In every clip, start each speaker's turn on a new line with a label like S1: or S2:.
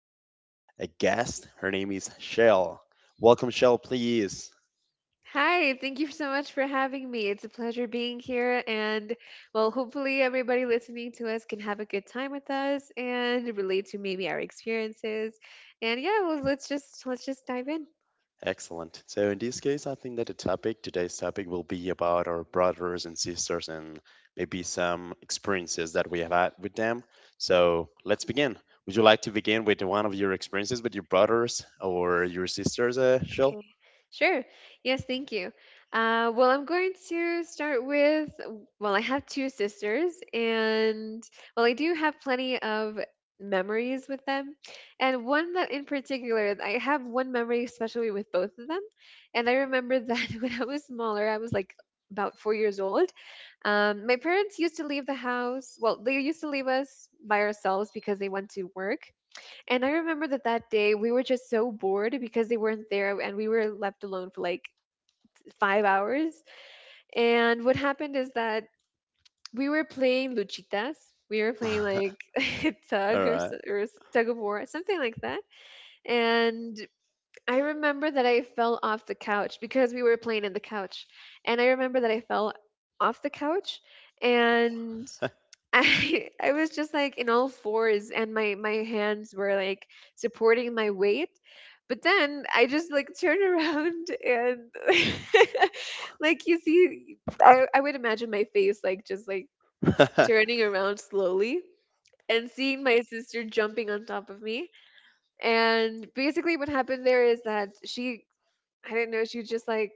S1: a guest. Her name is Shell. Welcome, Shell, please.
S2: Hi, thank you so much for having me. It's a pleasure being here. And well, hopefully, everybody listening to us can have a good time with us and relate to maybe our experiences. And yeah, well, let's just dive in.
S1: Excellent. So, in this case, I think that the topic, today's topic, will be about our brothers and sisters and maybe some experiences that we have had with them. So, let's begin. Would you like to begin with one of your experiences with your brothers or your sisters, Shell?
S2: Okay, sure. Yes, thank you. Well, I'm going to start with well, I have two sisters, and well, I do have plenty of memories with them. And one that in particular, I have one memory especially with both of them. And I remember that when I was smaller, I was like about 4 years old. My parents used to leave the house, well, they used to leave us by ourselves because they went to work. And I remember that that day we were just so bored because they weren't there and we were left alone for like 5 hours. And what happened is that we were playing luchitas. We were playing like tug or,
S1: All
S2: so- or s- tug of war, something like that. And I remember that I fell off the couch because we were playing in the couch. And I remember that I fell off the couch and
S1: right.
S2: I I was just like in all fours and my hands were like supporting my weight. But then I just like turned around and like you see I would imagine my face like just like turning around slowly and seeing my sister jumping on top of me. And basically what happened there is that she I didn't know she just like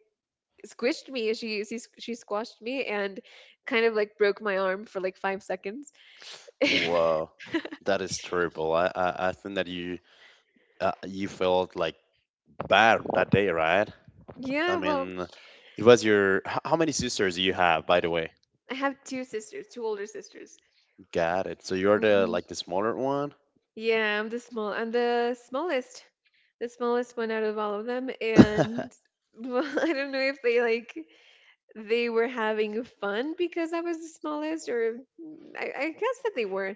S2: squished me. She squashed me and kind of like broke my arm for like 5 seconds.
S1: Wow, that is terrible. I think that you you felt like bad that day, right? I
S2: Yeah, well,
S1: mean, it was your. H- How many sisters do you have, by the way?
S2: I have two sisters, two older sisters.
S1: Got it. So you're the
S2: hmm
S1: like the smaller one.
S2: Yeah, I'm the smallest one out of all of them, and well, I don't know if they like they were having fun because I was the smallest, or I guess that they were.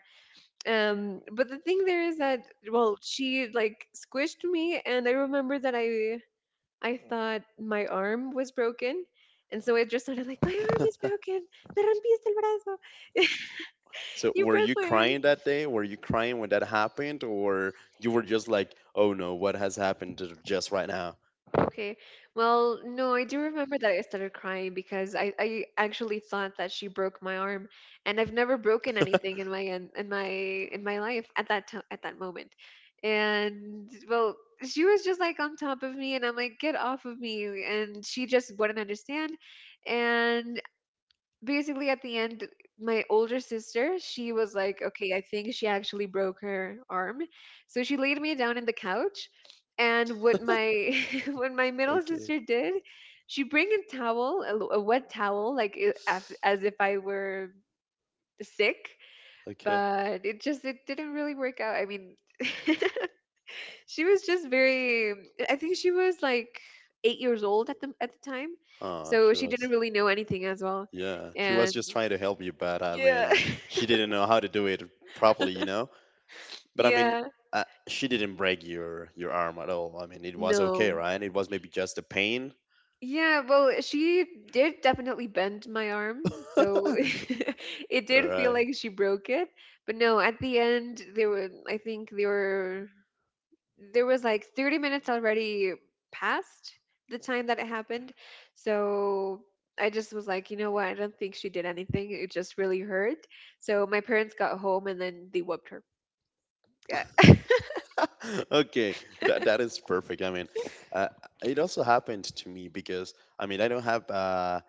S2: But the thing there is that well, she like squished me, and I remember that I thought my arm was broken. And so it just sounded like my arm is broken. Me rompiste el brazo.
S1: So
S2: You
S1: were
S2: broke
S1: you
S2: my arm.
S1: crying that day? Were you crying when that happened, or you were just like, "Oh no, what has happened to just right now?"
S2: Okay. Well, no, I do remember that I started crying because I actually thought that she broke my arm, and I've never broken anything in my life at that time at that moment. And well, she was just like on top of me, and I'm like, "Get off of me!" And she just wouldn't understand. And basically at the end my older sister she was like okay I think she actually broke her arm, so she laid me down in the couch. And what my what my middle
S1: Okay,
S2: sister did, she bring a towel a wet towel like as if I were sick.
S1: okay.
S2: But it just it didn't really work out. I mean, she was just very I think she was like 8 years old at the time,
S1: Oh,
S2: so
S1: she
S2: she didn't
S1: was.
S2: really know anything as well.
S1: Yeah, she was
S2: And
S1: just trying to help you, but I
S2: yeah.
S1: mean, she didn't know how to do it properly, you know? But I mean,
S2: Yeah.
S1: she didn't break your arm at all. I mean, it was okay,
S2: No.
S1: right? It was maybe just a pain.
S2: Yeah, well, she did definitely bend my arm, so it did feel
S1: Right.
S2: like she broke it. But no, at the end there were I think there were there was like 30 minutes already past the time that it happened. So I just was like, you know what? I don't think she did anything. It just really hurt. So my parents got home and then they whooped her. Yeah.
S1: Okay, that that is perfect. I mean, uh, it also happened to me because I mean I don't have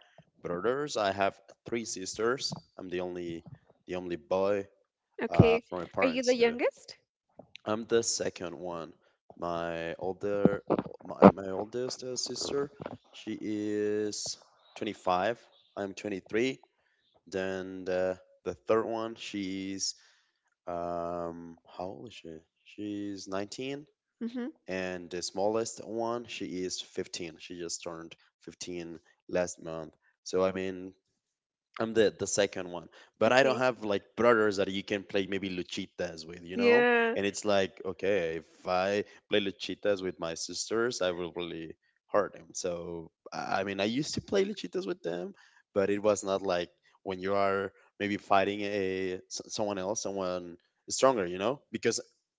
S1: brothers. I have three sisters. I'm the only boy
S2: Okay.
S1: from my
S2: Are you
S1: parents.
S2: the
S1: So
S2: youngest?
S1: I'm the second one. My older, my oldest sister, she is 25. I'm 23. Then the third one, she's how old is she? She's 19.
S2: Mm-hmm.
S1: And the smallest one, she is 15. She just turned 15 last month. So I mean, I'm the second one, but I don't
S2: Okay.
S1: have like brothers that you can play maybe luchitas with, you know.
S2: Yeah.
S1: And it's like, okay, if I play luchitas with my sisters, I will really hurt them. So I mean, I used to play luchitas with them, but it was not like when you are maybe fighting a someone else, someone stronger, you know. Because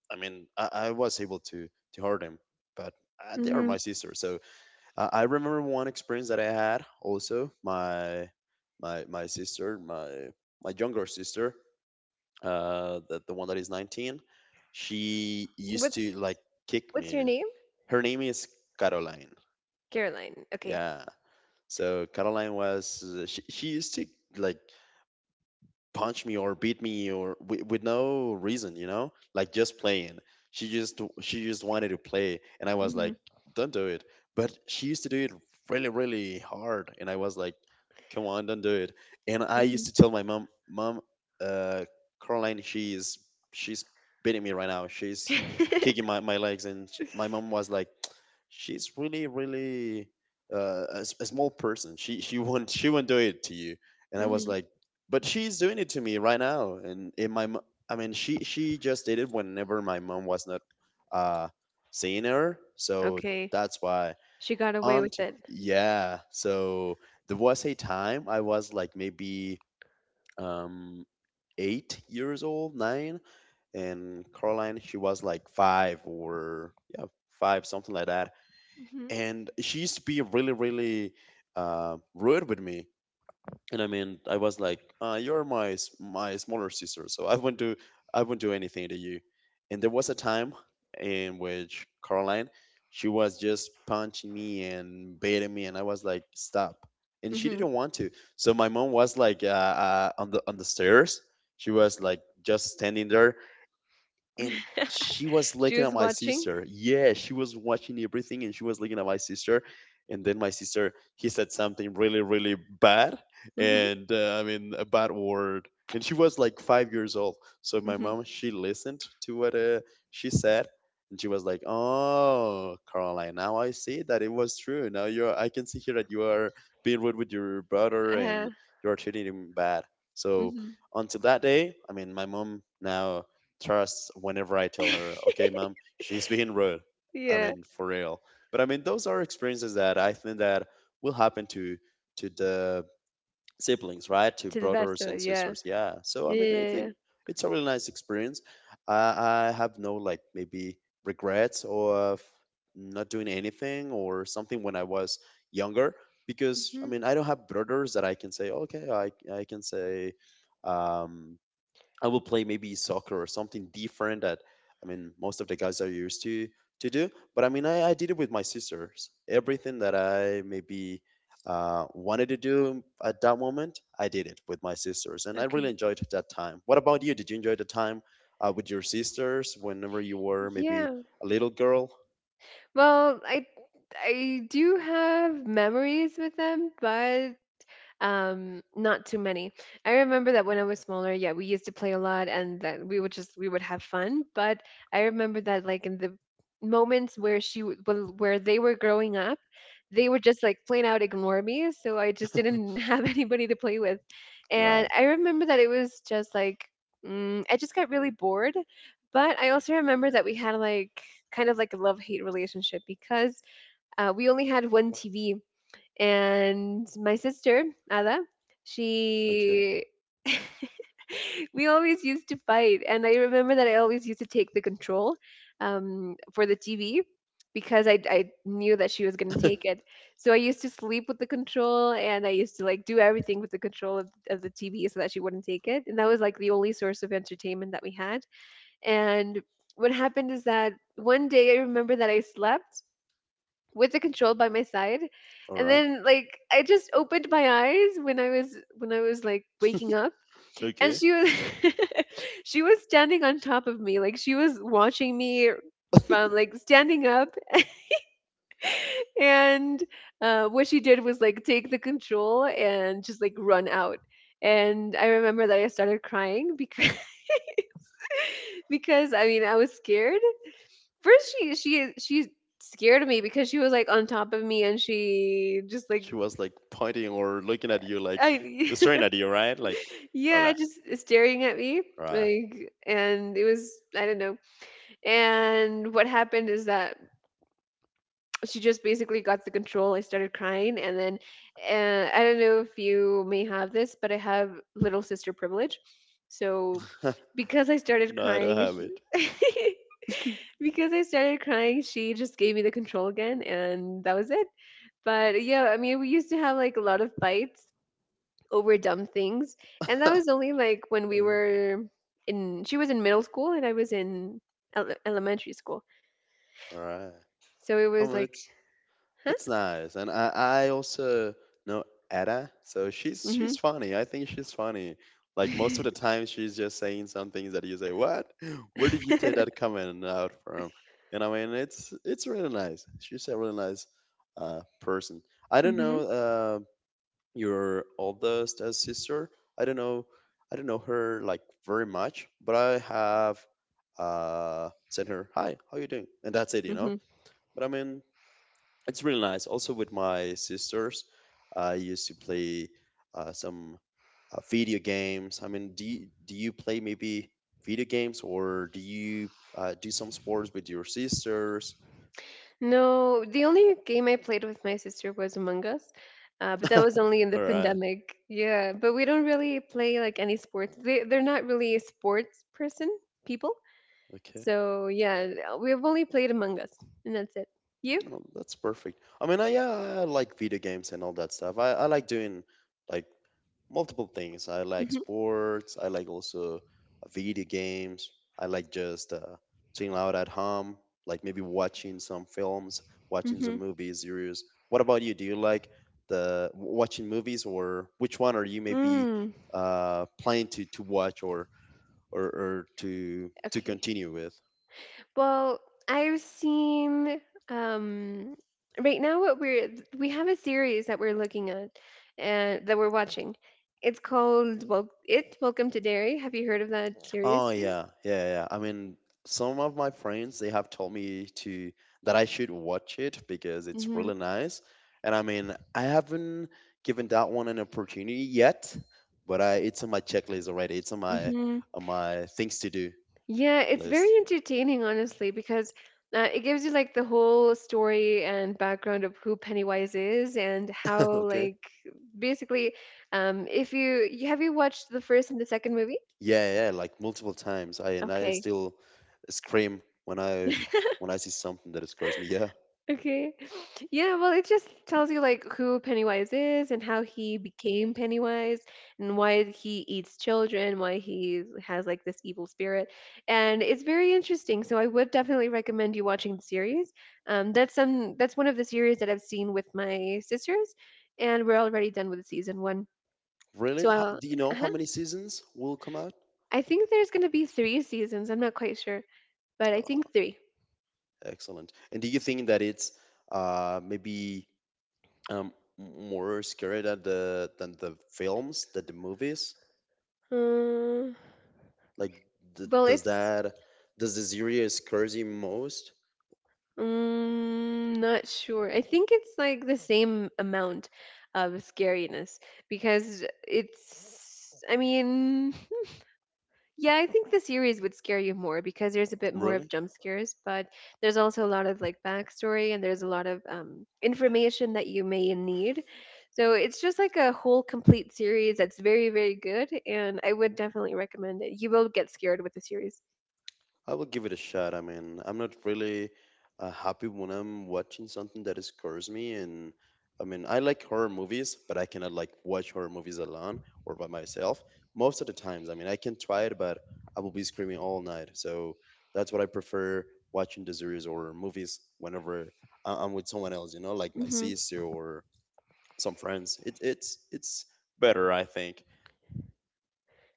S1: I mean, I was able to hurt them, but they are
S2: Mm-hmm.
S1: my sisters, so I remember one experience that I had also. My my younger sister, the one that is 19, she used
S2: What's
S1: to like kick
S2: what's your
S1: me.
S2: name?
S1: Her name is Caroline.
S2: Caroline. Okay.
S1: Yeah. So Caroline was she used to like punch me or beat me or with no reason, you know, like just playing. She just wanted to play, and I was like,
S2: Mhm.
S1: don't do it. But she used to do it really really hard, and I was like, come on, don't do it. And I
S2: Mhm.
S1: used to tell my mom, mom, uh, Caroline, she's beating me right now. She's kicking my, my legs, and sh my mom was like, she's really really a small person. She won't she won't do it to you. And I was
S2: Mhm.
S1: like but she's doing it to me right now and I mean she just did it whenever my mom was not uh seeing her so
S2: Okay.
S1: that's why
S2: She got away
S1: aunt
S2: with it.
S1: yeah so there was a time I was like maybe um 8 years old, nine, and Caroline she was like five, or five, something like that,
S2: Mhm.
S1: and she used to be really really rude with me. And I mean, I was like, "You're my my smaller sister, so I won't do anything to you." And there was a time in which Caroline, she was just punching me and beating me, and I was like, "Stop!" And she
S2: Mhm.
S1: didn't want to. So my mom was like, on the stairs. She was like just standing there, and she was
S2: She
S1: looking at
S2: was
S1: my
S2: watching.
S1: sister. Yeah, she was watching everything and she was looking at my sister. And then my sister, he said something really, really bad.
S2: Mhm.
S1: And I mean, a bad word. And she was like 5 years old. So my
S2: Mhm.
S1: mom, she listened to what she said. And she was like, "Oh, Caroline, now I see that it was true. Now you're, I can see here that you are being rude with your brother and you're treating him bad." So
S2: Mhm.
S1: until that day, I mean, my mom now trusts whenever I tell her, okay, mom, she's being rude. I
S2: Yeah.
S1: mean, for real. But I mean, those are experiences that I think that will happen to the siblings, right? To
S2: To the best
S1: brothers
S2: of
S1: and
S2: it. Yeah.
S1: sisters. Yeah. So I
S2: Yeah.
S1: mean, I
S2: yeah,
S1: think
S2: yeah.
S1: it's a really nice experience. I have no like maybe regrets of not doing anything or something when I was younger because I
S2: Mhm.
S1: mean I don't have brothers that I can say okay I can say um I will play maybe soccer or something different that I mean most of the guys are used to do. But I mean I did it with my sisters. Everything that I maybe wanted to do at that moment, I did it with my sisters, and I really
S2: Okay.
S1: enjoyed that time. What about you? Did you enjoy the time with your sisters whenever you were maybe
S2: Yeah.
S1: a little girl?
S2: Well, I do have memories with them, but not too many. I remember that when I was smaller, yeah, we used to play a lot and that we would have fun, but I remember that like in the moments where well, where they were growing up, they would just like plain out ignore me, so I just didn't have anybody to play with. And
S1: Right.
S2: I remember that it was just like I just got really bored, but I also remember that we had like kind of like a love-hate relationship because we only had one TV. And my sister Ada,
S1: Okay.
S2: she we always used to fight, and I remember that I always used to take the control for the TV because I knew that she was going to take it. So I used to sleep with the control, and I used to like do everything with the control of the TV so that she wouldn't take it, and that was like the only source of entertainment that we had. And what happened is that one day I remember that I slept with the control by my side,
S1: All
S2: and
S1: right.
S2: then like I just opened my eyes when I was like waking up, and
S1: Okay.
S2: she was she was standing on top of me, like she was watching me from like standing up. And what she did was like take the control and just like run out. And I remember that I started crying because because I mean I was scared. First she scared me because she was like on top of me, and she just like
S1: She was like pointing or looking at you, like
S2: I
S1: staring at you, right? Like,
S2: Yeah,
S1: hola.
S2: just staring at me,
S1: Right.
S2: like, and it was I don't know. And what happened is that she just basically got the control. I started crying, and then I don't know if you may have this, but I have little sister privilege. So because I started
S1: No, I don't
S2: crying,
S1: have it.
S2: because I started crying, she just gave me the control again, and that was it. But yeah, I mean, we used to have like a lot of fights over dumb things. And that was only like when we were she was in middle school and I was in elementary school.
S1: All right.
S2: So it
S1: I
S2: was
S1: mean,
S2: like, huh?
S1: it's nice, and I also know Ada, so she's
S2: Mm
S1: funny. I think she's funny. Like most
S2: hmm.
S1: of the time, she's just saying some things that you say, "What? Where did you take that comment out from?" And I mean, it's really nice. She's a really nice person. I
S2: Mm
S1: don't know
S2: hmm.
S1: your oldest sister. I don't know. I don't know her like very much, but I have sent her, "Hi, how you doing?" And that's it, you know.
S2: Hmm.
S1: But I mean, it's really nice. Also with my sisters, I used to play some video games. I mean, do you play maybe video games or do you do some sports with your sisters?
S2: No, the only game I played with my sister was Among Us. But that
S1: All
S2: was only in the
S1: right.
S2: pandemic. Yeah, but we don't really play like any sports. They're not really a sports people.
S1: Okay.
S2: So yeah, we've only played Among Us, and that's it. You?
S1: Oh, that's perfect. I mean, I, yeah, I like video games and all that stuff. I like doing like multiple things. I like
S2: Mm-hmm.
S1: sports. I like also video games. I like just chilling out at home, like maybe watching some films, watching
S2: Mm-hmm.
S1: some movies, series. What about you? Do you like watching movies, or which one are you maybe
S2: Mm.
S1: planning to watch, or to
S2: Okay.
S1: continue with?
S2: Well, I've seen um right now what we have a series that we're looking at and that we're watching. It's called well, it's Welcome to Dairy. Have you heard of that
S1: Oh
S2: series yet?
S1: yeah, yeah, yeah. I mean, some of my friends they have told me to that I should watch it because it's
S2: Mhm.
S1: really nice. And I mean, I haven't given that one an opportunity yet, but I it's on my checklist already. It's on my
S2: Mhm.
S1: things to do
S2: Yeah, it's very
S1: list.
S2: entertaining honestly because it gives you like the whole story and background of who Pennywise is and how
S1: Okay.
S2: like basically if have you watched the first and the second movie?
S1: Yeah, yeah, like multiple times. I And I
S2: Okay.
S1: still scream when I see something that scares me. Yeah.
S2: Okay. Yeah, well, it just tells you like who Pennywise is and how he became Pennywise and why he eats children, why he has like this evil spirit. And it's very interesting. So I would definitely recommend you watching the series. That's one of the series that I've seen with my sisters, and we're already done with season 1.
S1: Really?
S2: So I'll,
S1: Do you know how
S2: uh-huh.
S1: many seasons will come out?
S2: I think there's going to be 3 seasons. I'm not quite sure, but I think 3.
S1: Excellent. And do you think that it's maybe um, more scary than the films, than the movies?
S2: Uh,
S1: Like,
S2: well,
S1: does
S2: it's
S1: that does the series scares you most?
S2: Mm, not sure. I think it's like the same amount of scariness because I mean, yeah, I think the series would scare you more because there's a bit more of
S1: Really?
S2: jump scares, but there's also a lot of like backstory and there's a lot of information that you may need. So it's just like a whole complete series that's very, very good, and I would definitely recommend it. You will get scared with the series.
S1: I will give it a shot. I mean, I'm not really happy when I'm watching something that scares me. And I mean, I like horror movies, but I cannot like watch horror movies alone or by myself most of the times. I mean, I can try it, but I will be screaming all night. So that's what I prefer, watching the series or movies whenever I'm with someone else, you know, like my sister or some friends. It's better, I think.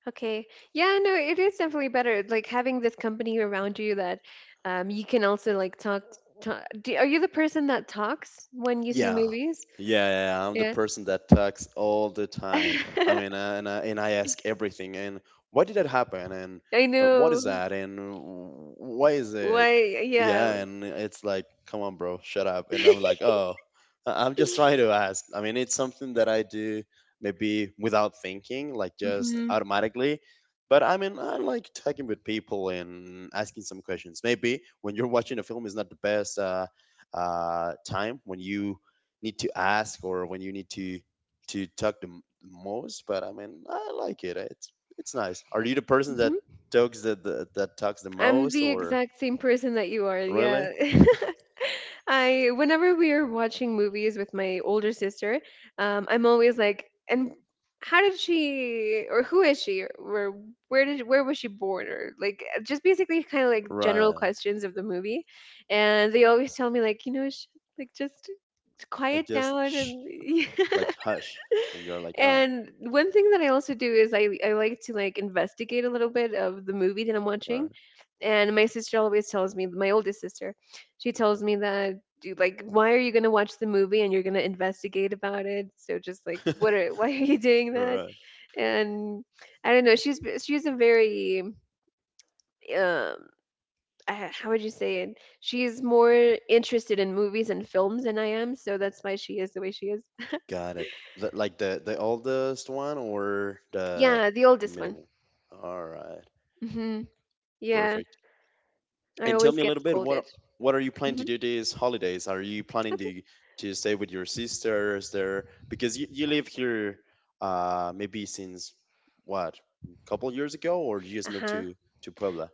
S2: Okay. Yeah, no, it is definitely better. Like having this company around you that you can also like talk to, do, are you the person that talks when you see
S1: Yeah.
S2: movies?
S1: Yeah, yeah, yeah, I'm the
S2: Yeah.
S1: person that talks all the time. I mean, and I ask everything. And why did that happen? And
S2: I
S1: what is
S2: know
S1: that? And why is it?
S2: why
S1: Yeah,
S2: yeah.
S1: and it's like, come on, bro, shut up. And I'm like, oh, I'm just trying to ask. I mean, it's something that I do maybe without thinking, like just automatically. But I mean, I like talking with people and asking some questions. Maybe when you're watching a film is not the best time when you need to ask or when you need to talk the most. But I mean, I like it. It's nice. Are you the person that
S2: Mhm.
S1: talks the that talks the
S2: I'm
S1: most
S2: the
S1: or
S2: exact same person that you are. Yeah.
S1: really?
S2: I whenever we are watching movies with my older sister, I'm always like, and how did she or who is she or where was she born or like just basically kind of like general
S1: Right.
S2: questions of the movie, and they always tell me like you know like just quiet
S1: Like just
S2: down
S1: shh,
S2: and
S1: like hush, and you're like,
S2: And one thing that I also do is I like to like investigate a little bit of the movie that I'm watching.
S1: right,
S2: And my sister always tells me, my oldest sister, she tells me that "Do- like why are you going to watch the movie and you're going to investigate about it? So just like what are why are you doing that?
S1: right.
S2: And I don't know, she's a very um how would you say it? She's more interested in movies and films than I am, so that's why she is the way she is.
S1: Got it. The, like the oldest one or the
S2: Yeah, the oldest one.
S1: middle? All right.
S2: Mhm. Yeah.
S1: Perfect.
S2: I
S1: And tell
S2: always
S1: me a
S2: get
S1: little bit
S2: scolded.
S1: what are you planning
S2: Hmm.
S1: to do these holidays? Are you planning
S2: Okay.
S1: to stay with your sisters there? Because you live here maybe since what, couple years ago or you
S2: Uh
S1: just moved
S2: huh.
S1: to Puebla?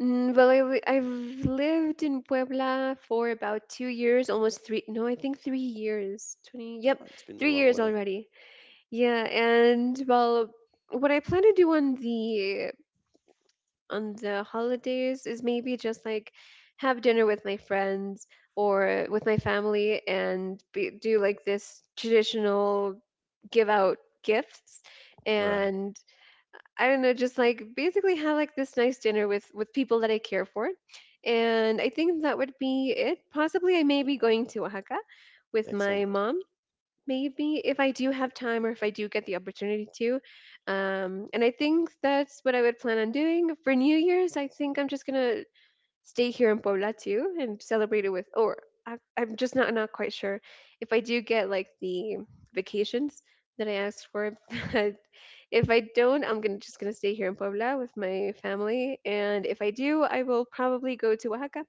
S2: Mm, well, I, li- I've lived in Puebla for about 2 years, almost three. No, I think 3 years. 20. Yep,
S1: Oh, it's been a
S2: three
S1: long
S2: years
S1: way.
S2: already. Yeah, and well, what I plan to do on the holidays is maybe just like have dinner with my friends or with my family and be, do like this traditional give out gifts.
S1: Right.
S2: And I don't know, just like basically have like this nice dinner with people that I care for. And I think that would be it. Possibly I may be going to Oaxaca with my
S1: Excellent.
S2: mom, maybe if I do have time or if I do get the opportunity to. And I think that's what I would plan on doing for New Year's. I think I'm just gonna stay here in Puebla too and celebrate it with, or I'm just not quite sure if I do get like the vacations that I asked for. But if I don't, I'm gonna just gonna stay here in Puebla with my family, and if I do, I will probably go to Oaxaca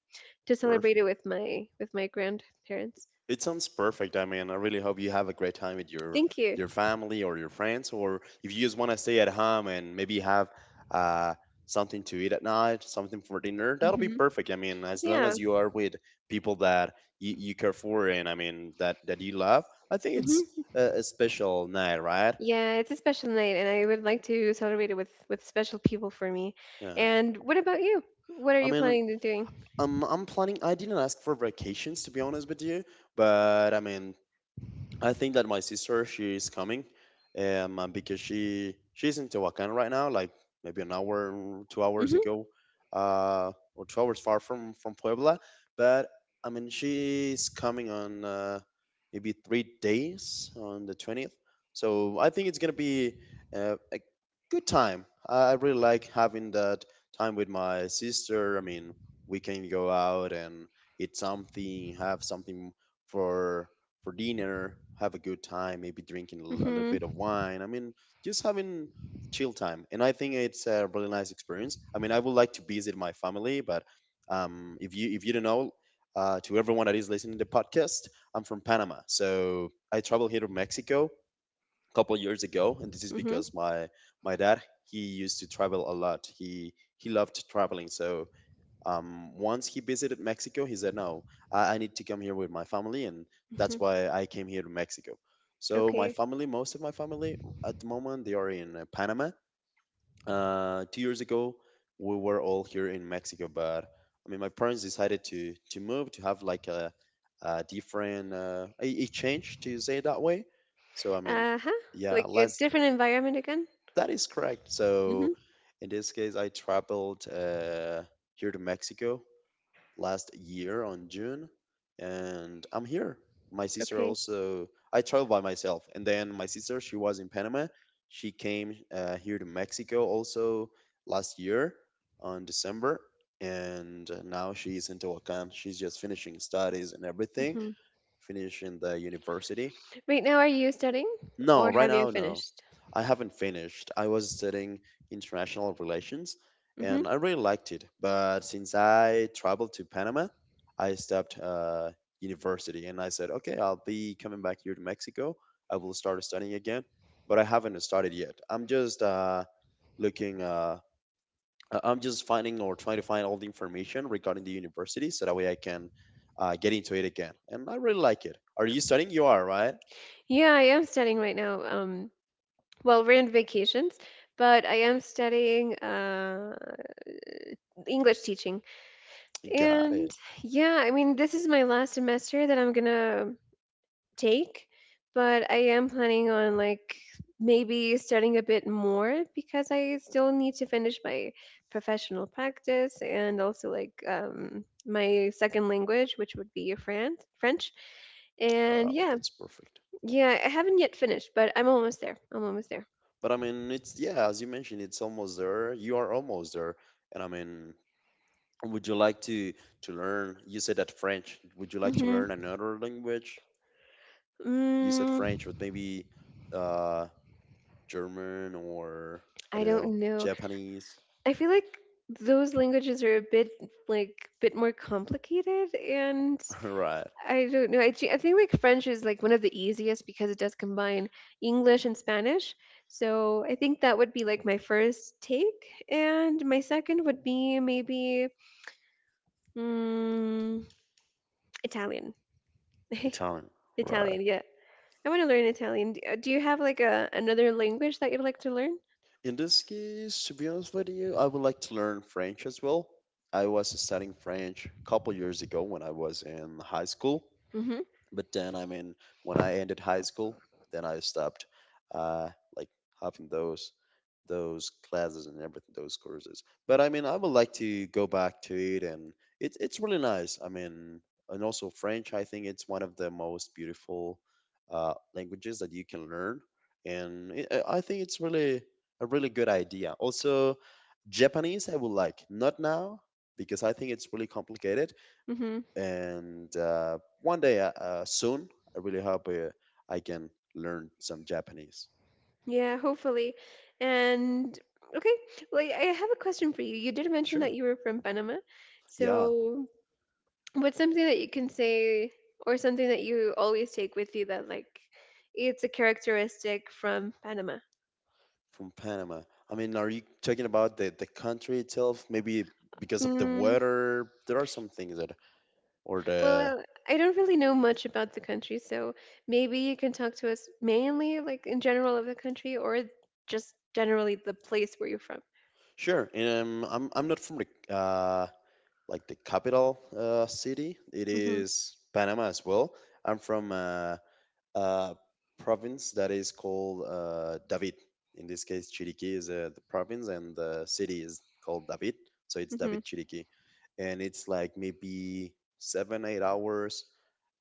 S2: to celebrate it
S1: Perfect.
S2: with my grandparents.
S1: It sounds perfect. I mean, I really hope you have a great time with
S2: Thank you.
S1: your family or your friends, or if you just want to stay at home and maybe have uh, something to eat at night, something for dinner, that'll be
S2: Hmm.
S1: perfect. I mean, as long
S2: Yeah.
S1: as you are with people that you care for and I mean that you love, I think it's
S2: Hmm.
S1: a special night, right?
S2: Yeah, it's a special night, and I would like to celebrate it with special people for me.
S1: Yeah.
S2: And what about you? What are
S1: I
S2: you
S1: mean,
S2: planning to doing?
S1: I'm planning. I didn't ask for vacations to be honest with you, but I mean, I think that my sister she is coming, and because she's in Tehuacan right now, like maybe an hour, 2 hours ago, or 2 hours far from Puebla. But I mean, she's coming on maybe 3 days on the 20th. So I think it's gonna be a good time. I really like having that time with my sister. I mean, we can go out and eat something, have something for for dinner, have a good time, maybe drinking a little bit of
S2: Mm-hmm.
S1: wine. I mean, just having a chill time. And I think it's a really nice experience. I mean, I would like to visit my family, but if you don't know, to everyone that is listening to the podcast, I'm from Panama, so I traveled here to Mexico a couple years ago, and this is
S2: Mhm.
S1: because my dad he used to travel a lot. He loved traveling, so once he visited Mexico, he said, "No, I need to come here with my family," and that's
S2: Mhm.
S1: why I came here to Mexico. So, my
S2: Okay.
S1: family, most of my family at the moment, they are in Panama. 2 years ago, we were all here in Mexico, but I mean, my parents decided to move to have like a different, a change to say it that way. So, I mean,
S2: Uh-huh.
S1: yeah,
S2: Like a
S1: last,
S2: different environment again?
S1: that is correct. So,
S2: Mhm.
S1: in this case, I traveled here to Mexico last year on June, and I'm here. My sister
S2: Okay.
S1: also, I traveled by myself, and then my sister, she was in Panama. She came here to Mexico also last year on December, and now she's in Tehuacan. She's just finishing studies and everything,
S2: Mhm.
S1: finishing the university.
S2: Right now, are you studying
S1: No,
S2: or
S1: right
S2: have you
S1: now, no.
S2: finished?
S1: I haven't finished. I was studying international relations
S2: Mhm.
S1: and I really liked it. But since I traveled to Panama, I stopped university and I said, okay, I'll be coming back here to Mexico. I will start studying again, but I haven't started yet. I'm just looking, I'm just finding or trying to find all the information regarding the university so that way I can get into it again. And I really like it. Are you studying? You are, right?
S2: Yeah, I am studying right now. Well, we're in vacations, but I am studying English teaching.
S1: Got
S2: And
S1: it.
S2: yeah, I mean, this is my last semester that I'm gonna take, but I am planning on like maybe studying a bit more because I still need to finish my professional practice and also like my second language, which would be French. And
S1: Oh,
S2: yeah,
S1: that's perfect.
S2: yeah, I haven't yet finished, but I'm almost there. I'm almost there.
S1: But I mean, it's yeah, as you mentioned, it's almost there. You are almost there. And I mean, would you like to learn? You said that French. Would you like to
S2: Hmm.
S1: learn another language? You said
S2: Mm,
S1: French, but maybe uh, German or I
S2: I
S1: don't know,
S2: don't know.
S1: Japanese.
S2: I feel like those languages are a bit like bit more complicated, and
S1: Right.
S2: I don't know. I think like French is like one of the easiest because it does combine English and Spanish. So I think that would be like my first take, and my second would be maybe mm, Italian.
S1: Italian. Right.
S2: Italian, yeah. I want to learn Italian. Do you have like a another language that you'd like to learn?
S1: In this case, to be honest with you, I would like to learn French as well. I was studying French a couple years ago when I was in high school.
S2: Mhm.
S1: But then I mean, when I ended high school, then I stopped, uh like, having those classes and everything, those courses. But I mean, I would like to go back to it, and it's really nice. I mean, and also French, I think it's one of the most beautiful languages that you can learn. And I think it's really a really good idea. Also Japanese, I would like, not now, because I think it's really complicated.
S2: Mhm.
S1: And one day soon, I really hope I can learn some Japanese.
S2: Yeah, hopefully. And okay, well, I have a question for you. You did mention that
S1: Sure.
S2: you were from Panama.
S1: Yeah,
S2: So, what's something that you can say or something that you always take with you that like it's a characteristic from Panama?
S1: from Panama. I mean, are you talking about the country itself? Maybe because of the
S2: Mm,
S1: weather there are some things that, or the,
S2: well, I don't really know much about the country, so maybe you can talk to us mainly like in general of the country or just generally the place where you're from.
S1: sure. And I'm not from the like the capital city. It
S2: Mhm.
S1: is Panama as well. I'm from uh, province that is called David. In this case, Chiriquí is the province, and the city is called David. So it's
S2: Mhm.
S1: David Chiriquí, and it's like maybe seven, 8 hours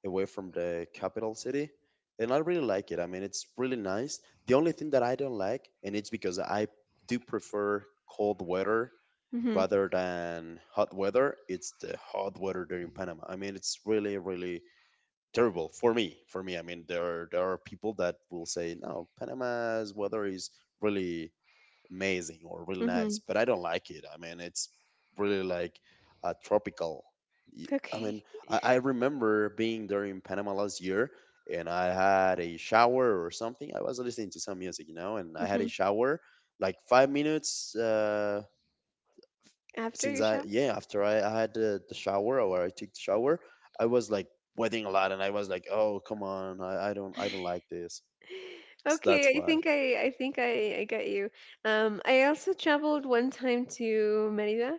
S1: away from the capital city. And I really like it. I mean, it's really nice. The only thing that I don't like, and it's because I do prefer cold weather
S2: Mhm.
S1: rather than hot weather, it's the hot weather during Panama. I mean, it's really, really terrible for me. For me, I mean, there are people that will say, no, Panama's weather is really amazing or really nice,
S2: Mhm.
S1: but I don't like it. I mean, it's really like a tropical. y- I
S2: Okay.
S1: mean, I remember being there in Panama last year and I had a shower or something. I was listening to some music, you know, and I had a
S2: Mhm.
S1: shower like 5 minutes.
S2: After
S1: Since
S2: your
S1: I
S2: shower.
S1: yeah after I had the shower or I took the shower, I was like sweating a lot and I was like, oh come on, I don't like this. So that's
S2: Okay, I
S1: why
S2: think I think I get you. I also traveled one time to Merida,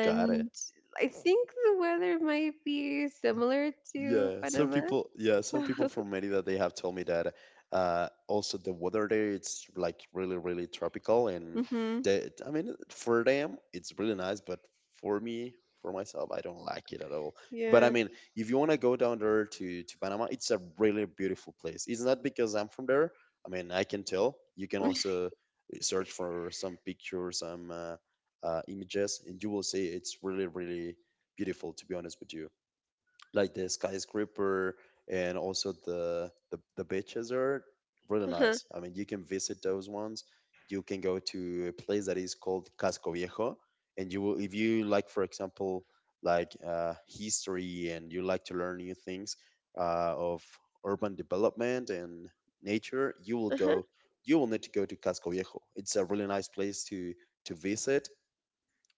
S1: got it.
S2: I think the weather might be similar to Panama.
S1: Yeah, some people from Merida, they have told me that also the weather there, it's like really, really tropical. And
S2: Mm-hmm.
S1: they, I mean, for them, it's really nice, but for me, for myself, I don't like it at all. But I
S2: Yeah.
S1: mean, if you want to go down there to Panama, it's a really beautiful place. It's not because I'm from there. I mean, I can tell. You can also search for some pictures, some images, and you will see it's really, really beautiful, to be honest with you, like the skyscraper and also the beaches are really
S2: Uh-huh.
S1: nice. I mean, you can visit those ones. You can go to a place that is called Casco Viejo, and you will if you like, for example, like history, and you like to learn new things of urban development and nature, you will
S2: Uh-huh.
S1: go. You will need to go to Casco Viejo. It's a really nice place to visit,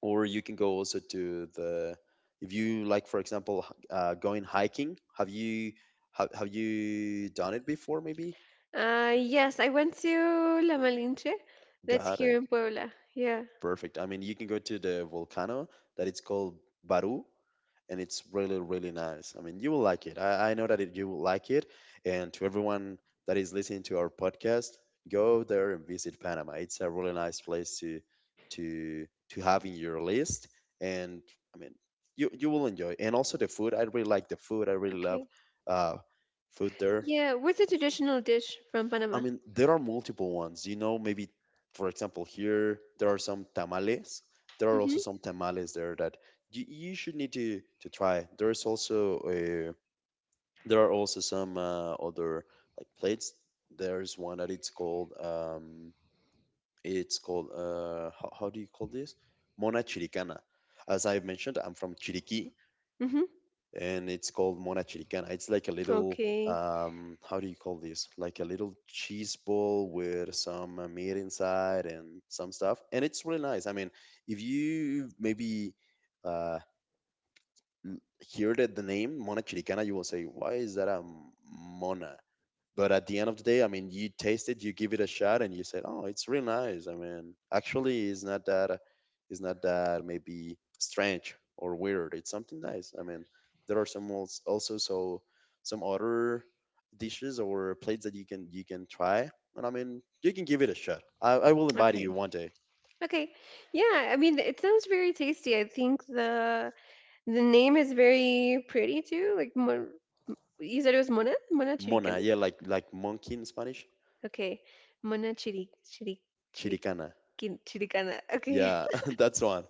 S1: or you can go also to the if you like for example going hiking. Have you have you done it before maybe?
S2: Yes, I went to La Malinche. That's
S1: Got
S2: here
S1: it.
S2: in Puebla. Yeah.
S1: Perfect. I mean, you can go to the volcano that it's called Baru, and it's really, really nice. I mean, you will like it. I know that it, you will like it. And to everyone that is listening to our podcast, go there and visit Panama. It's a really nice place to to have in your list. And I mean, you will enjoy. And also the food. I really like the food. I really love
S2: Okay.
S1: uh, food there.
S2: Yeah. What's a traditional dish from
S1: I
S2: Panama?
S1: mean, there are multiple ones. You know, maybe for example, here there are some tamales. There are also
S2: Mm-hmm.
S1: some tamales there that you should need to try. There's also there are also some other like plates. There's one that it's called how do you call this? Mona Chiricana. As I've mentioned, I'm from Chiriquí,
S2: Mm-hmm.
S1: and it's called Mona Chilicana. It's like a little
S2: Okay.
S1: how do you call this? Like a little cheese ball with some meat inside and some stuff, and it's really nice. I mean, if you maybe uh hear that the name Mona Chilicana, you will say, why is that a mona? But at the end of the day, I mean, you taste it, you give it a shot, and you said, "Oh, it's real nice." I mean, actually, it's not that maybe strange or weird. It's something nice. I mean, there are some also so some other dishes or plates that you can try, and I mean, you can give it a shot. I will invite
S2: Okay.
S1: you one day.
S2: Okay. Yeah, I mean, it sounds very tasty. I think the name is very pretty too. Like Mon you said it was Mona? Mona Chiricana?
S1: Mona, yeah, like monkey in Spanish,
S2: Okay. Mona
S1: chiricana.
S2: Chiriquin Chiricana. Okay.
S1: Yeah, that's one.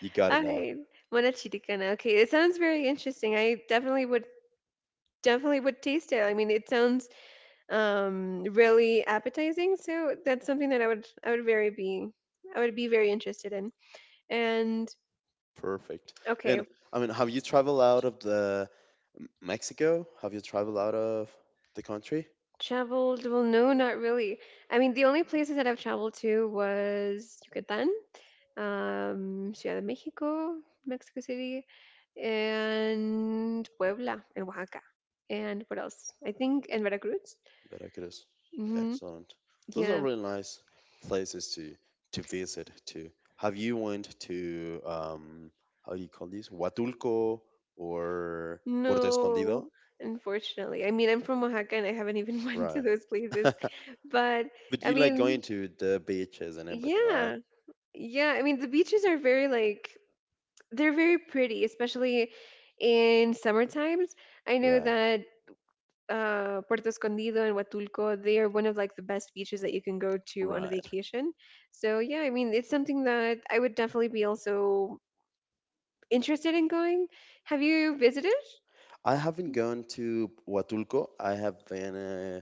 S1: You got it
S2: All
S1: now.
S2: right. Mona Chiricana. Okay. It sounds very interesting. I definitely would taste it. I mean, it sounds really appetizing, so that's something that I would be very interested in. And,
S1: Perfect.
S2: okay.
S1: And I mean, have you traveled out of the Mexico? Have you traveled out of the country?
S2: Traveled? Well, no, not really. I mean, the only places that I've traveled to was Yucatan, Ciudad de Mexico, Mexico City, and Puebla and Oaxaca. And what else? I think and Veracruz.
S1: Veracruz.
S2: Hmm.
S1: Excellent. Those are
S2: Yeah.
S1: really nice places to visit too. Have you went to how you call this? Huatulco or Puerto
S2: No,
S1: Escondido?
S2: unfortunately. I mean, I'm from Oaxaca and I haven't even went to
S1: Right.
S2: those places. But
S1: But
S2: I
S1: you like
S2: mean,
S1: going to the beaches and everything, right?
S2: yeah. Yeah, I mean the beaches are very like they're very pretty, especially in summer times. I know
S1: Right.
S2: that Puerto Escondido and Huatulco, they are one of like the best beaches that you can go to on a
S1: Right.
S2: vacation. So yeah, I mean, it's something that I would definitely be also interested in going. Have you visited?
S1: I haven't gone to Huatulco. I have been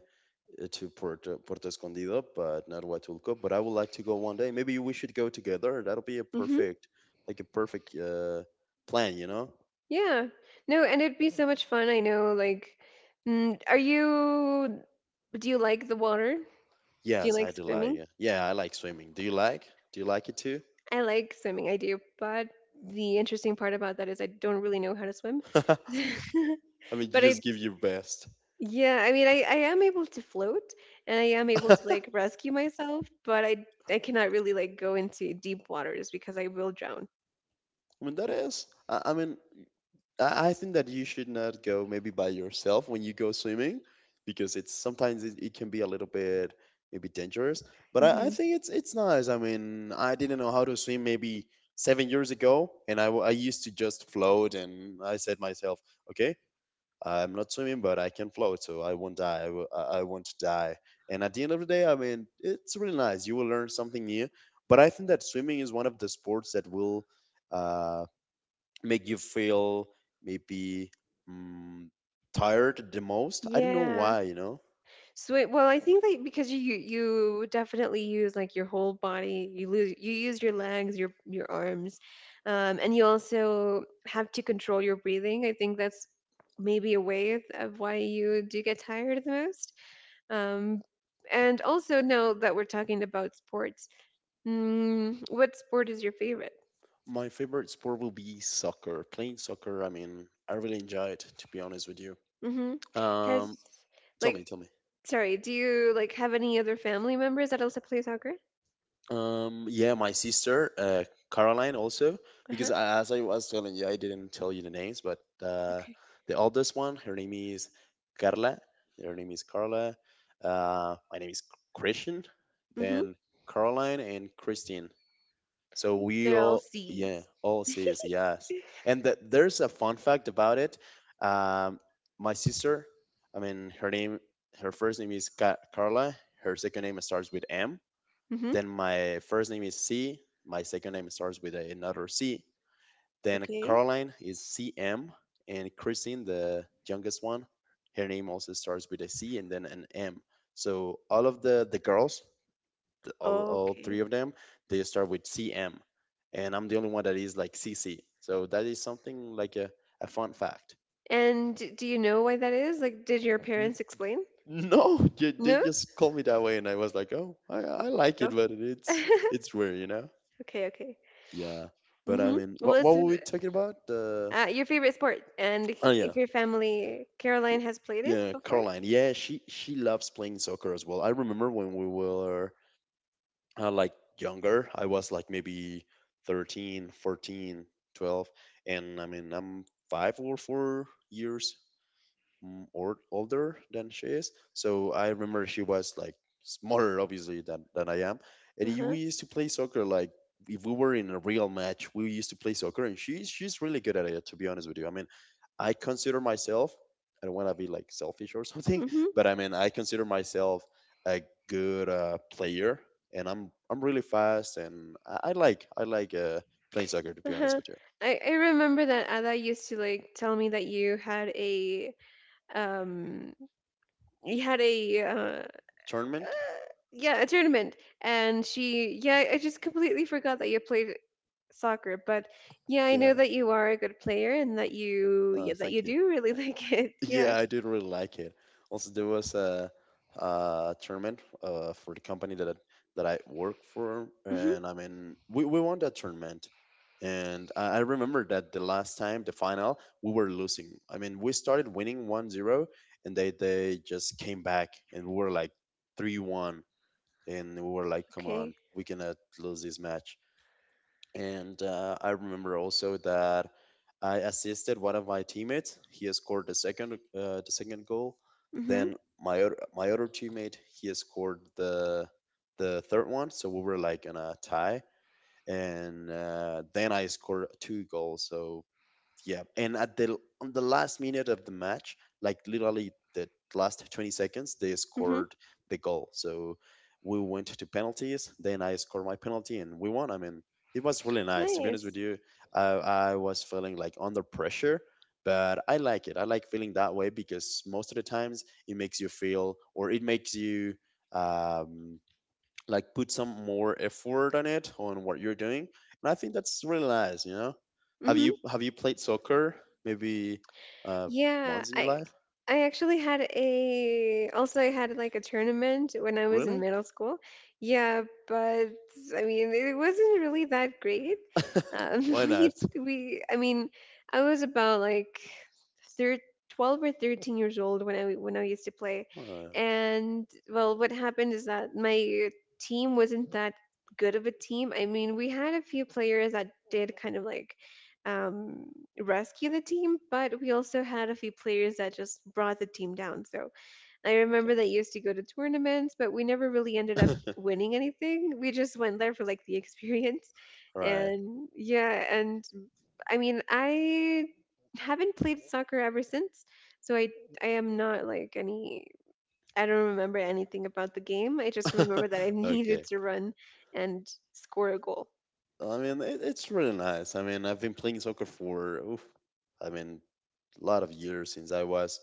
S1: to Puerto Escondido, but not Huatulco. But I would like to go one day. Maybe we should go together. That'll be
S2: Mm-hmm.
S1: like a perfect plan, you know?
S2: Yeah. No, and it'd be so much fun. I know. Like, are you? Do you like the water? Do you
S1: Yes,
S2: like
S1: I do like
S2: swimming?
S1: it. Yeah, I like swimming. Do you like? Do you like it too?
S2: I like swimming, I do, but the interesting part about that is I don't really know how to swim.
S1: I mean, you
S2: But
S1: just
S2: I
S1: give your best.
S2: yeah, I mean, I am able to float, and I am able
S1: I
S2: to, like, rescue myself, but I cannot really, like, go into deep waters because I will drown.
S1: mean, that is. I mean, I think that you should not go maybe by yourself when you go swimming because it's sometimes it can be a little bit maybe dangerous. But I
S2: Mhm.
S1: think it's nice. I mean, I didn't know how to swim maybe 7 years ago, and I used to just float, and I said myself, okay, I'm not swimming, but I can float, so I won't die. I, w- I won't die. And at the end of the day, I mean, it's really nice. You will learn something new. But I think that swimming is one of the sports that will uh, make you feel maybe um, tired the most. I don't know
S2: Yeah.
S1: why.
S2: Sweet. Well, I think that because you definitely use like your whole body. You use your legs, your arms, and you also have to control your breathing. I think that's maybe a way of why you do get tired the most. Um, and also now that we're talking about sports, what sport is your favorite?
S1: My favorite sport will be soccer. Playing soccer, I mean, I really enjoy it, to be honest with you.
S2: Hmm.
S1: Um,
S2: Has
S1: Tell
S2: like
S1: me, tell me.
S2: sorry, do you like have any other family members that also play soccer?
S1: Yeah, my sister, Caroline, also,
S2: Uh
S1: because
S2: huh.
S1: I, as I was telling you, I didn't tell you the names, but
S2: Okay.
S1: the oldest one, her name is Carla. Her name is Carla. My name is Christian. Then Caroline and Christine. So we
S2: They're all
S1: all, yeah,
S2: C's.
S1: all says yes. And th there's a fun fact about it. Um, my sister, I mean, her name, her first name is Ca Carla. Her second name starts with M.
S2: Hmm.
S1: Then my first name is C. My second name starts with another C. Then
S2: Okay.
S1: Caroline is CM, and Christine, the youngest one, her name also starts with a C and then an M. So all of the girls, all three
S2: Okay.
S1: of them, they start with CM, and I'm the only one that is like C C. So that is something like a fun fact.
S2: And do you know why that is? Like, did your
S1: N-
S2: parents explain?
S1: No, they
S2: No?
S1: just called me that way, and I was like, oh, I like it,
S2: No.
S1: but it's
S2: Okay.
S1: it's weird, you know?
S2: Okay.
S1: Yeah, but I
S2: Hmm.
S1: mean,
S2: Well,
S1: what
S2: it's
S1: what were we talking about? Uh,
S2: your favorite sport, and if
S1: oh yeah,
S2: if your family,
S1: y-
S2: Caroline, has played it
S1: yeah,
S2: before?
S1: Caroline. Yeah, she loves playing soccer as well. I remember when we were like younger. I was like maybe 13, 14, 12, and I mean I'm 5 or 4 years or older than she is. So I remember she was like smaller, obviously, than I am. And
S2: Uh huh.
S1: we used to play soccer like if we were in a real match. We used to play soccer, and she's really good at it. To be honest with you, I mean, I consider myself. I don't want to be like selfish or something,
S2: Hmm.
S1: but I mean, I consider myself a good player, and I'm really fast, and I like playing soccer. To be honest
S2: Uh-huh.
S1: with you,
S2: I remember that Ada used to like tell me that you had um you had a uh,
S1: tournament.
S2: yeah, a tournament. And she, yeah, I just completely forgot that you played soccer. But yeah, I know
S1: Yeah.
S2: that you are a good player and that you, yeah, that you
S1: Thank you.
S2: do really like it. Yeah.
S1: Yeah, I did really like it. Also, there was a tournament for the company that I work for,
S2: Hmm.
S1: and I mean, we won that tournament. And I remember that the last time, the final, we were losing. I mean, we started winning 1-0, and they just came back, and we were like 3-1, and we were like, come on,
S2: Okay.
S1: we cannot lose this match. And I remember also that I assisted one of my teammates. He scored the second goal.
S2: Mhm.
S1: Then my other teammate he scored the third one. So we were like in a tie. And then I scored two goals. So yeah, and at the on the last minute of the match, like literally the last 20 seconds, they
S2: Mhm.
S1: scored the goal. So we went to penalties. Then I scored my penalty, and we won. I mean, it was really nice. To be honest with
S2: Nice.
S1: you, I, I was feeling like under pressure, but I like it. I like feeling that way because most of the times it makes you feel, or it makes you. Um, like put some more effort on it, on what you're doing, and I think that's really nice. have you
S2: Mhm.
S1: have you played soccer maybe uh
S2: Yeah,
S1: once in your
S2: I
S1: life?
S2: I actually had a also I had like a tournament when I was in
S1: Really?
S2: middle school. Yeah, but I mean it wasn't really that great. Um,
S1: Why
S2: we
S1: not?
S2: we I mean I was about like thir- 12 or 13 years old when I used to play.
S1: Oh
S2: And well, what happened is that my team wasn't that good of a team. I mean, we had a few players that did kind of like um rescue the team, but we also had a few players that just brought the team down. So I remember that I used to go to tournaments, but we never really ended up
S1: god.
S2: winning anything. We just went there for like the experience.
S1: Right.
S2: And yeah, and I mean, I haven't played soccer ever since. So I am not like any I don't remember anything about the game. I just remember that I
S1: Okay.
S2: needed to run and score a goal.
S1: I mean it's really nice. I mean, I've been playing soccer for oof, I mean, a lot of years, since I was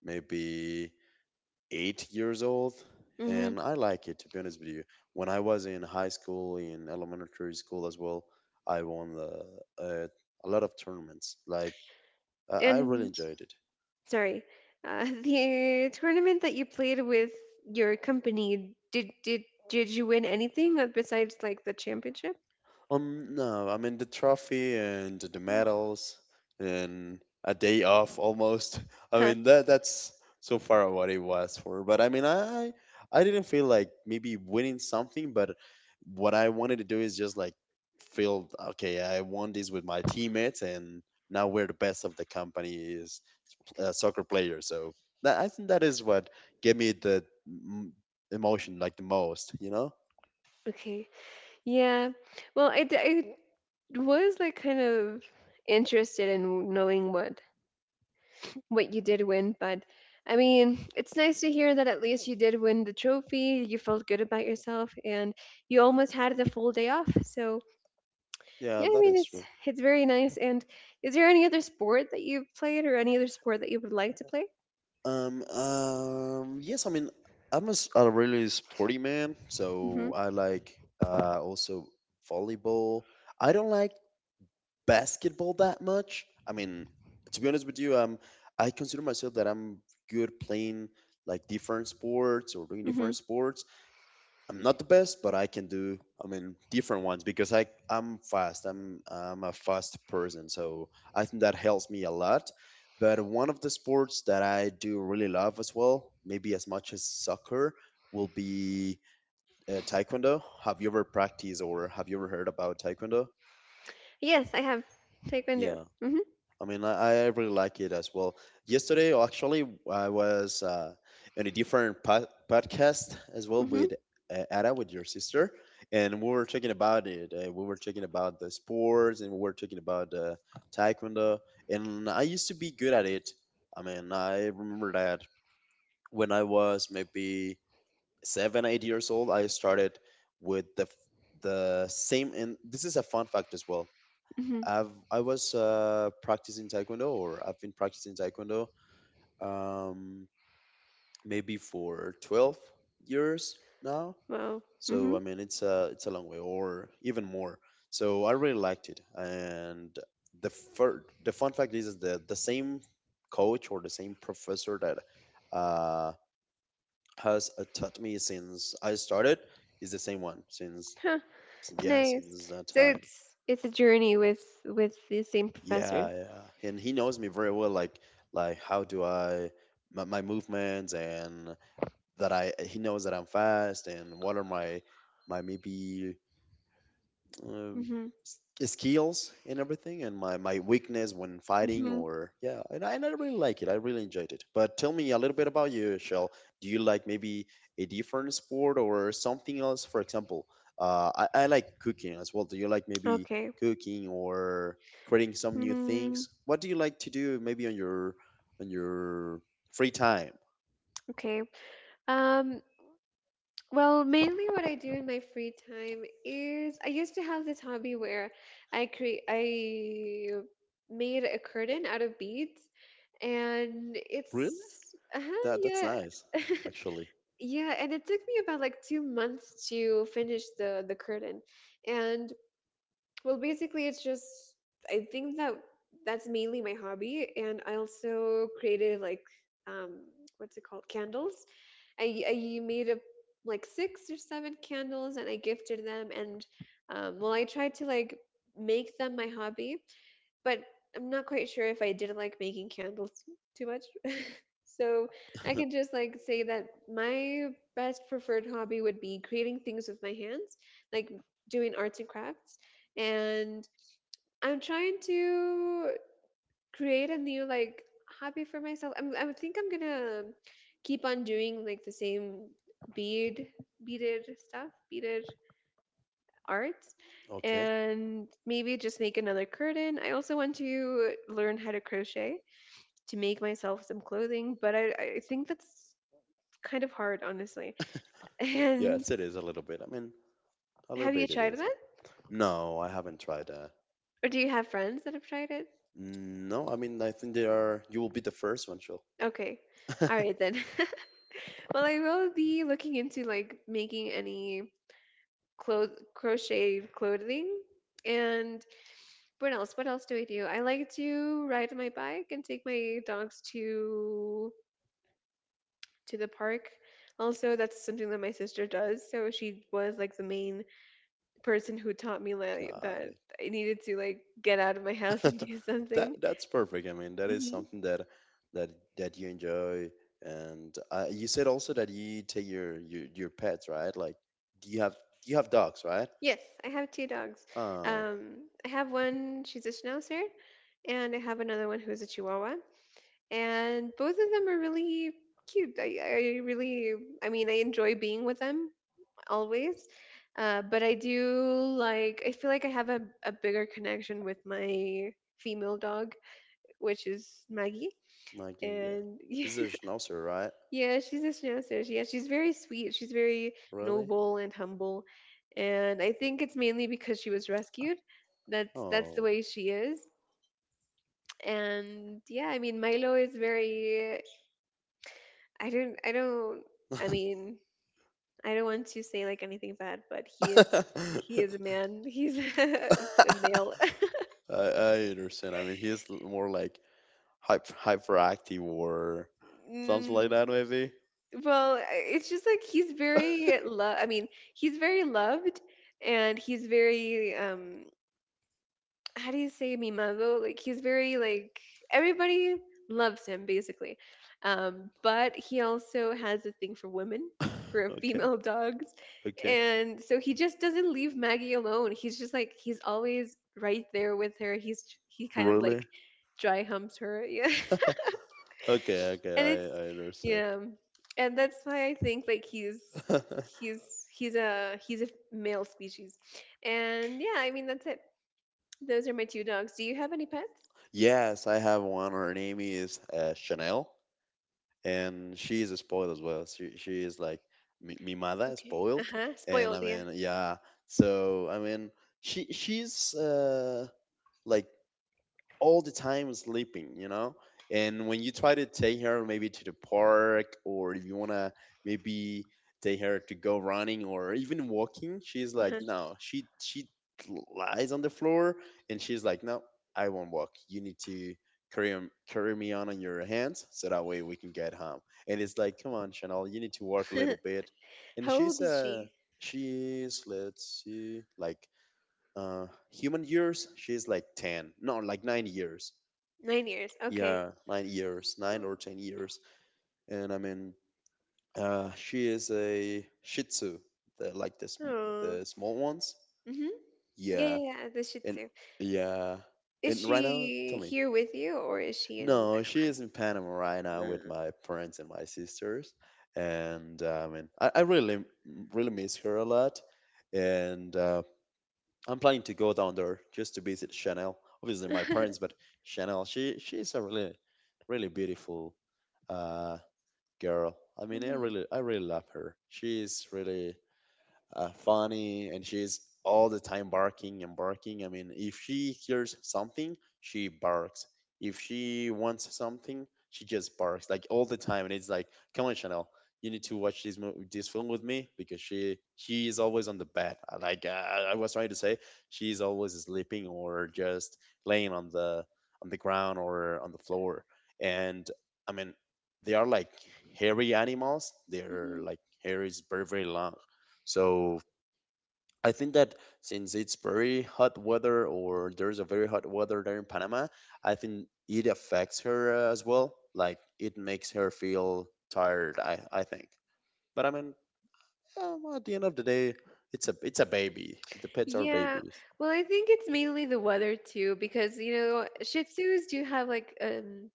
S1: maybe 8 years old,
S2: Hmm.
S1: and I like it, to be honest with you. When I was in high school, in elementary school as well, I won uh, a lot of tournaments. Like I really
S2: And,
S1: enjoyed it.
S2: sorry. The tournament that you played with your company, did you win anything, besides like the championship?
S1: No, I mean the trophy and the
S2: Mm.
S1: medals and a day off almost. I
S2: Huh.
S1: mean that's so far what it was for. But I mean I didn't feel like maybe winning something, but what I wanted to do is just like feel okay, I won this with my teammates, and now we're the best of the company is soccer player. So that, I think, that is what gave me the mm, emotion like the most, you know?
S2: Okay. Yeah. Well, I was like kind of interested in knowing what you did win, but I mean, it's nice to hear that at least you did win the trophy. You felt good about yourself, and you almost had the full day off. So, yeah,
S1: Yeah,
S2: I
S1: that
S2: mean
S1: is
S2: it's
S1: true.
S2: it's very nice. And is there any other sport that you've played or any other sport that you would like to play?
S1: Yes, I mean, I'm a really sporty man,
S2: Mhm.
S1: so I like also volleyball. I don't like basketball that much. I mean, to be honest with you, I consider myself that I'm good playing like different sports or doing different
S2: Mhm.
S1: sports. I'm not the best, but I can do. I mean, different ones because I'm fast. I'm a fast person, so I think that helps me a lot. But one of the sports that I do really love as well, maybe as much as soccer, will be taekwondo. Have you ever practiced or have you ever heard about taekwondo?
S2: Yes, I have taekwondo.
S1: Yeah.
S2: Mhm.
S1: I mean, I really like it as well. Yesterday, actually, I was in a different podcast as well
S2: Mhm.
S1: with Ada, with your sister, and we were talking about it. We were talking about the sports, and we were talking about taekwondo. And I used to be good at it. I mean, I remember that when I was maybe seven, 8 years old, I started with the same. And this is a fun fact as well.
S2: Mhm.
S1: I was practicing taekwondo, or I've been practicing taekwondo, um, maybe for 12 years now.
S2: Wow.
S1: So I
S2: Mhm.
S1: mean, it's a long way, or even more. So I really liked it, and the the fun fact is that the same coach or the same professor that uh, has taught me since I started is the same one since,
S2: Huh.
S1: yeah,
S2: Nice.
S1: since that
S2: So
S1: time.
S2: it's a journey with the same professor.
S1: Yeah, yeah. And he knows me very well, like how do I, my movements, and that I he knows that I'm fast, and what are my maybe um,
S2: Mhm.
S1: skills and everything, and my weakness when fighting,
S2: Mhm.
S1: or yeah, and and I really like it. I really enjoyed it. But tell me a little bit about you, Shell. Do you like maybe a different sport or something else, for example? I like cooking as well. Do you like maybe
S2: Okay.
S1: cooking or creating some new
S2: Mm,
S1: things? What do you like to do maybe on your free time?
S2: okay. Um well, mainly what I do in my free time is I used to have this hobby where I made a curtain out of beads, and
S1: Really?
S2: it's, uh-huh,
S1: That's nice,
S2: yeah,
S1: actually.
S2: yeah and it took me about like 2 months to finish the curtain. And well, basically it's just I think that that's mainly my hobby. And I also created like um what's it called, candles. I made a like six or seven candles, and I gifted them. And well, I tried to like make them my hobby, but I'm not quite sure if I did like making candles too much. So I can just like say that my best preferred hobby would be creating things with my hands, like doing arts and crafts. And I'm trying to create a new like hobby for myself. I would think I'm gonna keep on doing like the same bead beaded stuff, beaded arts.
S1: Okay.
S2: And maybe just make another curtain. I also want to learn how to crochet to make myself some clothing, but I think that's kind of hard, honestly. And
S1: Yes, it is a little bit. I mean, a little
S2: have you
S1: bit it
S2: tried
S1: is.
S2: that?
S1: No, I haven't tried that.
S2: Or do you have friends that have tried it?
S1: No, I mean, I think they are. You will be the first one, Chill.
S2: Okay. All right then. Well, I will be looking into like making any clothes, crocheted clothing. And what else? What else do? I like to ride my bike and take my dogs to the park. Also, that's something that my sister does. So she was like the main person who taught me like
S1: Got
S2: that I needed to like get out of my house and
S1: it.
S2: do
S1: that
S2: something.
S1: that's perfect. I mean, that is
S2: Mm-hmm.
S1: something that that you enjoy. And you said also that you take your pets, right? Like, do you have dogs, right?
S2: Yes, I have two dogs.
S1: Uh,
S2: I have one, she's a schnauzer, and I have another one who's a chihuahua. And both of them are really cute. I really, I mean, I enjoy being with them always. But I do like, I feel like I have a bigger connection with my female dog, which is Maggie.
S1: Mikey, yeah.
S2: And
S1: This is a schnauzer, right?
S2: yeah, she's a Shinansash. Yeah, she's very sweet. She's very
S1: Really?
S2: noble and humble. And I think it's mainly because she was rescued. That's the
S1: Oh.
S2: way she is. And yeah, I mean Milo is very. I don't I mean, I don't want to say like anything bad, but he
S1: I,
S2: is he is a man. He's a male.
S1: I understand. I mean, he's more like hyperactive or something
S2: Mm,
S1: like that, maybe.
S2: well, I- it's just like he's very lo- I mean, he's very loved and he's very how do you say mimado? Like he's very like everybody loves him basically. But he also has a thing for women, for
S1: Okay,
S2: female dogs.
S1: okay.
S2: And so he just doesn't leave Maggie alone. He's just like he's always right there with her. He's he kind of like
S1: Really?
S2: dry humps her. Yeah.
S1: Okay, okay,
S2: And
S1: I,
S2: it's
S1: I understand.
S2: yeah. And that's why I think like he's he's he's a male species. And yeah, I mean that's it. Those are my two dogs. Do you have any pets?
S1: Yes, I have one. Her name is Chanel, and she is spoiled as well. She is like mi mimada,
S2: Okay. Uh
S1: spoiled,
S2: huh.
S1: and
S2: Spoiled,
S1: I
S2: yeah.
S1: mean, yeah. So I mean, she's like all the time sleeping, you know? And when you try to take her maybe to the park, or if you want to maybe take her to go running or even walking, she's like,
S2: Uh
S1: no, she lies on the floor, and she's like, no, I won't walk. You need to carry me on your hands so that way we can get home. And it's like, come on, Chanel, you need to walk a
S2: huh.
S1: little bit. And
S2: How old
S1: she's,
S2: is
S1: uh,
S2: she?
S1: she's, let's see, like human years, she's like 10, no, like 9 years.
S2: 9 years. Okay.
S1: Yeah, 9 years, nine or 10 years. And I mean, she is a Shih Tzu, the, like the, sm-
S2: Oh.
S1: the small ones.
S2: Mm-hmm. Yeah,
S1: Yeah.
S2: yeah, yeah. This should
S1: And
S2: too.
S1: yeah.
S2: Is
S1: And right now,
S2: she
S1: tell me.
S2: here with you or is she in
S1: No, she is in Panama right now with
S2: Panama?
S1: my parents and my sisters. And I mean, I really, really miss her a lot. And I'm planning to go down there just to visit Chanel. Obviously, my
S2: Mm-hmm.
S1: parents, but Chanel, she's a really, really beautiful uh, girl. I mean, I
S2: Hmm.
S1: really, I really love her. She's really funny, and she's all the time barking and barking. I mean, if she hears something, she barks. If she wants something, she just barks like all the time, and it's like, come on, Chanel, you need to watch this movie, this film with me because she is always on the bed. I was trying to say, she's always sleeping or just laying on the ground or on the floor, and I mean, they are like hairy animals. Their
S2: Hmm.
S1: like hair is very, very long, so I think that since it's very hot weather, or there's a very hot weather there in Panama, I think it affects her as well. Like it makes her feel tired, I think. But I mean, at the end of the day, it's a baby. The pets are
S2: Yeah.
S1: babies.
S2: Well, I think it's mainly the weather too, because you know Shih Tzus do have like.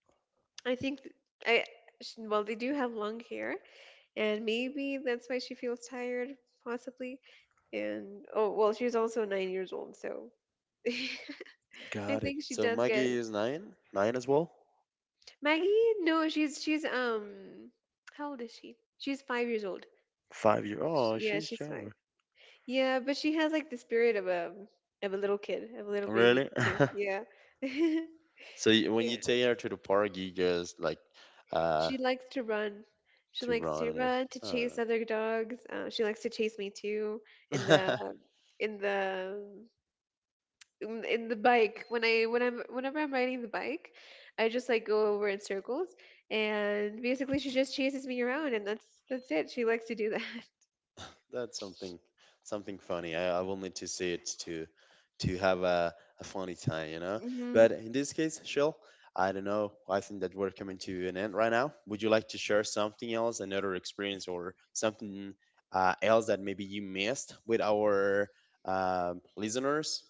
S2: I think th- I sh- well they do have long hair, and maybe that's why she feels tired, possibly. And oh well, she's also 9 years old, so I
S1: Got it.
S2: think she
S1: So
S2: does get
S1: Maggie is 9, 9 as well.
S2: Maggie. No, she's how old is she? She's 5 years old.
S1: 5 year.
S2: Sh
S1: Oh,
S2: yeah,
S1: she's
S2: she's five.
S1: younger.
S2: Yeah, but she has like the spirit of a little kid, of a little baby
S1: Really?
S2: too. Yeah, yeah.
S1: So you, when you take her to the park, you just like uh
S2: She likes to run. She
S1: to
S2: likes
S1: run
S2: to
S1: and
S2: run to
S1: everything.
S2: chase other dogs. She likes to chase me too in the
S1: Huh.
S2: in the in the bike when I when I'm whenever I'm riding the bike, I just like go over in circles and basically she just chases me around and that's it. She likes to do that.
S1: That's something funny. I will need to see it to have a funny time, you know.
S2: Hmm.
S1: But in this case, Shell, I don't know. I think that we're coming to an end right now. Would you like to share something else, another experience or something else that maybe you missed with our listeners?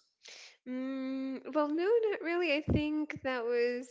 S2: Well, no, not really. I think that was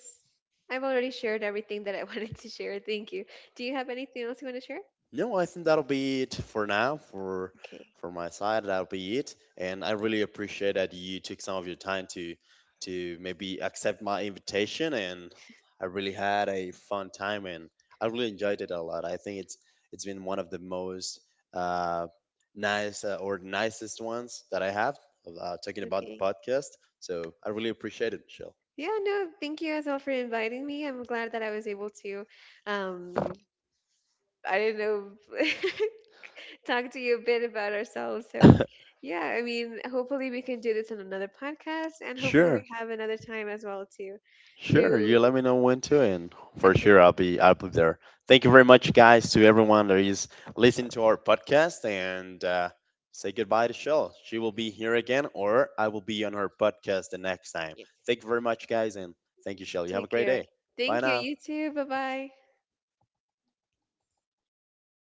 S2: I've already shared everything that I wanted to share. Thank you. Do you have anything else you want to share?
S1: No, I think that'll be it for now. For
S2: Okay.
S1: for my side, that'll be it. And I really appreciate that you took some of your time to maybe accept my invitation. And I really had a fun time, and I really enjoyed it a lot. I think it's been one of the most uh, nice or nicest ones that I have, talking about the
S2: Okay.
S1: podcast. So I really appreciate it, Michelle.
S2: Yeah, no, thank you as well for inviting me. I'm glad that I was able to um I don't know talk to you a bit about ourselves. So, yeah, I mean, hopefully we can do this in another podcast, and hopefully
S1: Sure.
S2: we have another time as well to,
S1: Sure, you let
S2: to.
S1: me know when to, and for
S2: Okay,
S1: sure I'll be there. Thank you very much, guys, to everyone that is listening to our podcast, and say goodbye to Shell. She will be here again, or I will be on her podcast the next time.
S2: yes.
S1: Thank you very much, guys, and thank you, Shell. You have a
S2: Take
S1: great
S2: care.
S1: day. Bye
S2: Thank you.
S1: now.
S2: You too. Bye bye.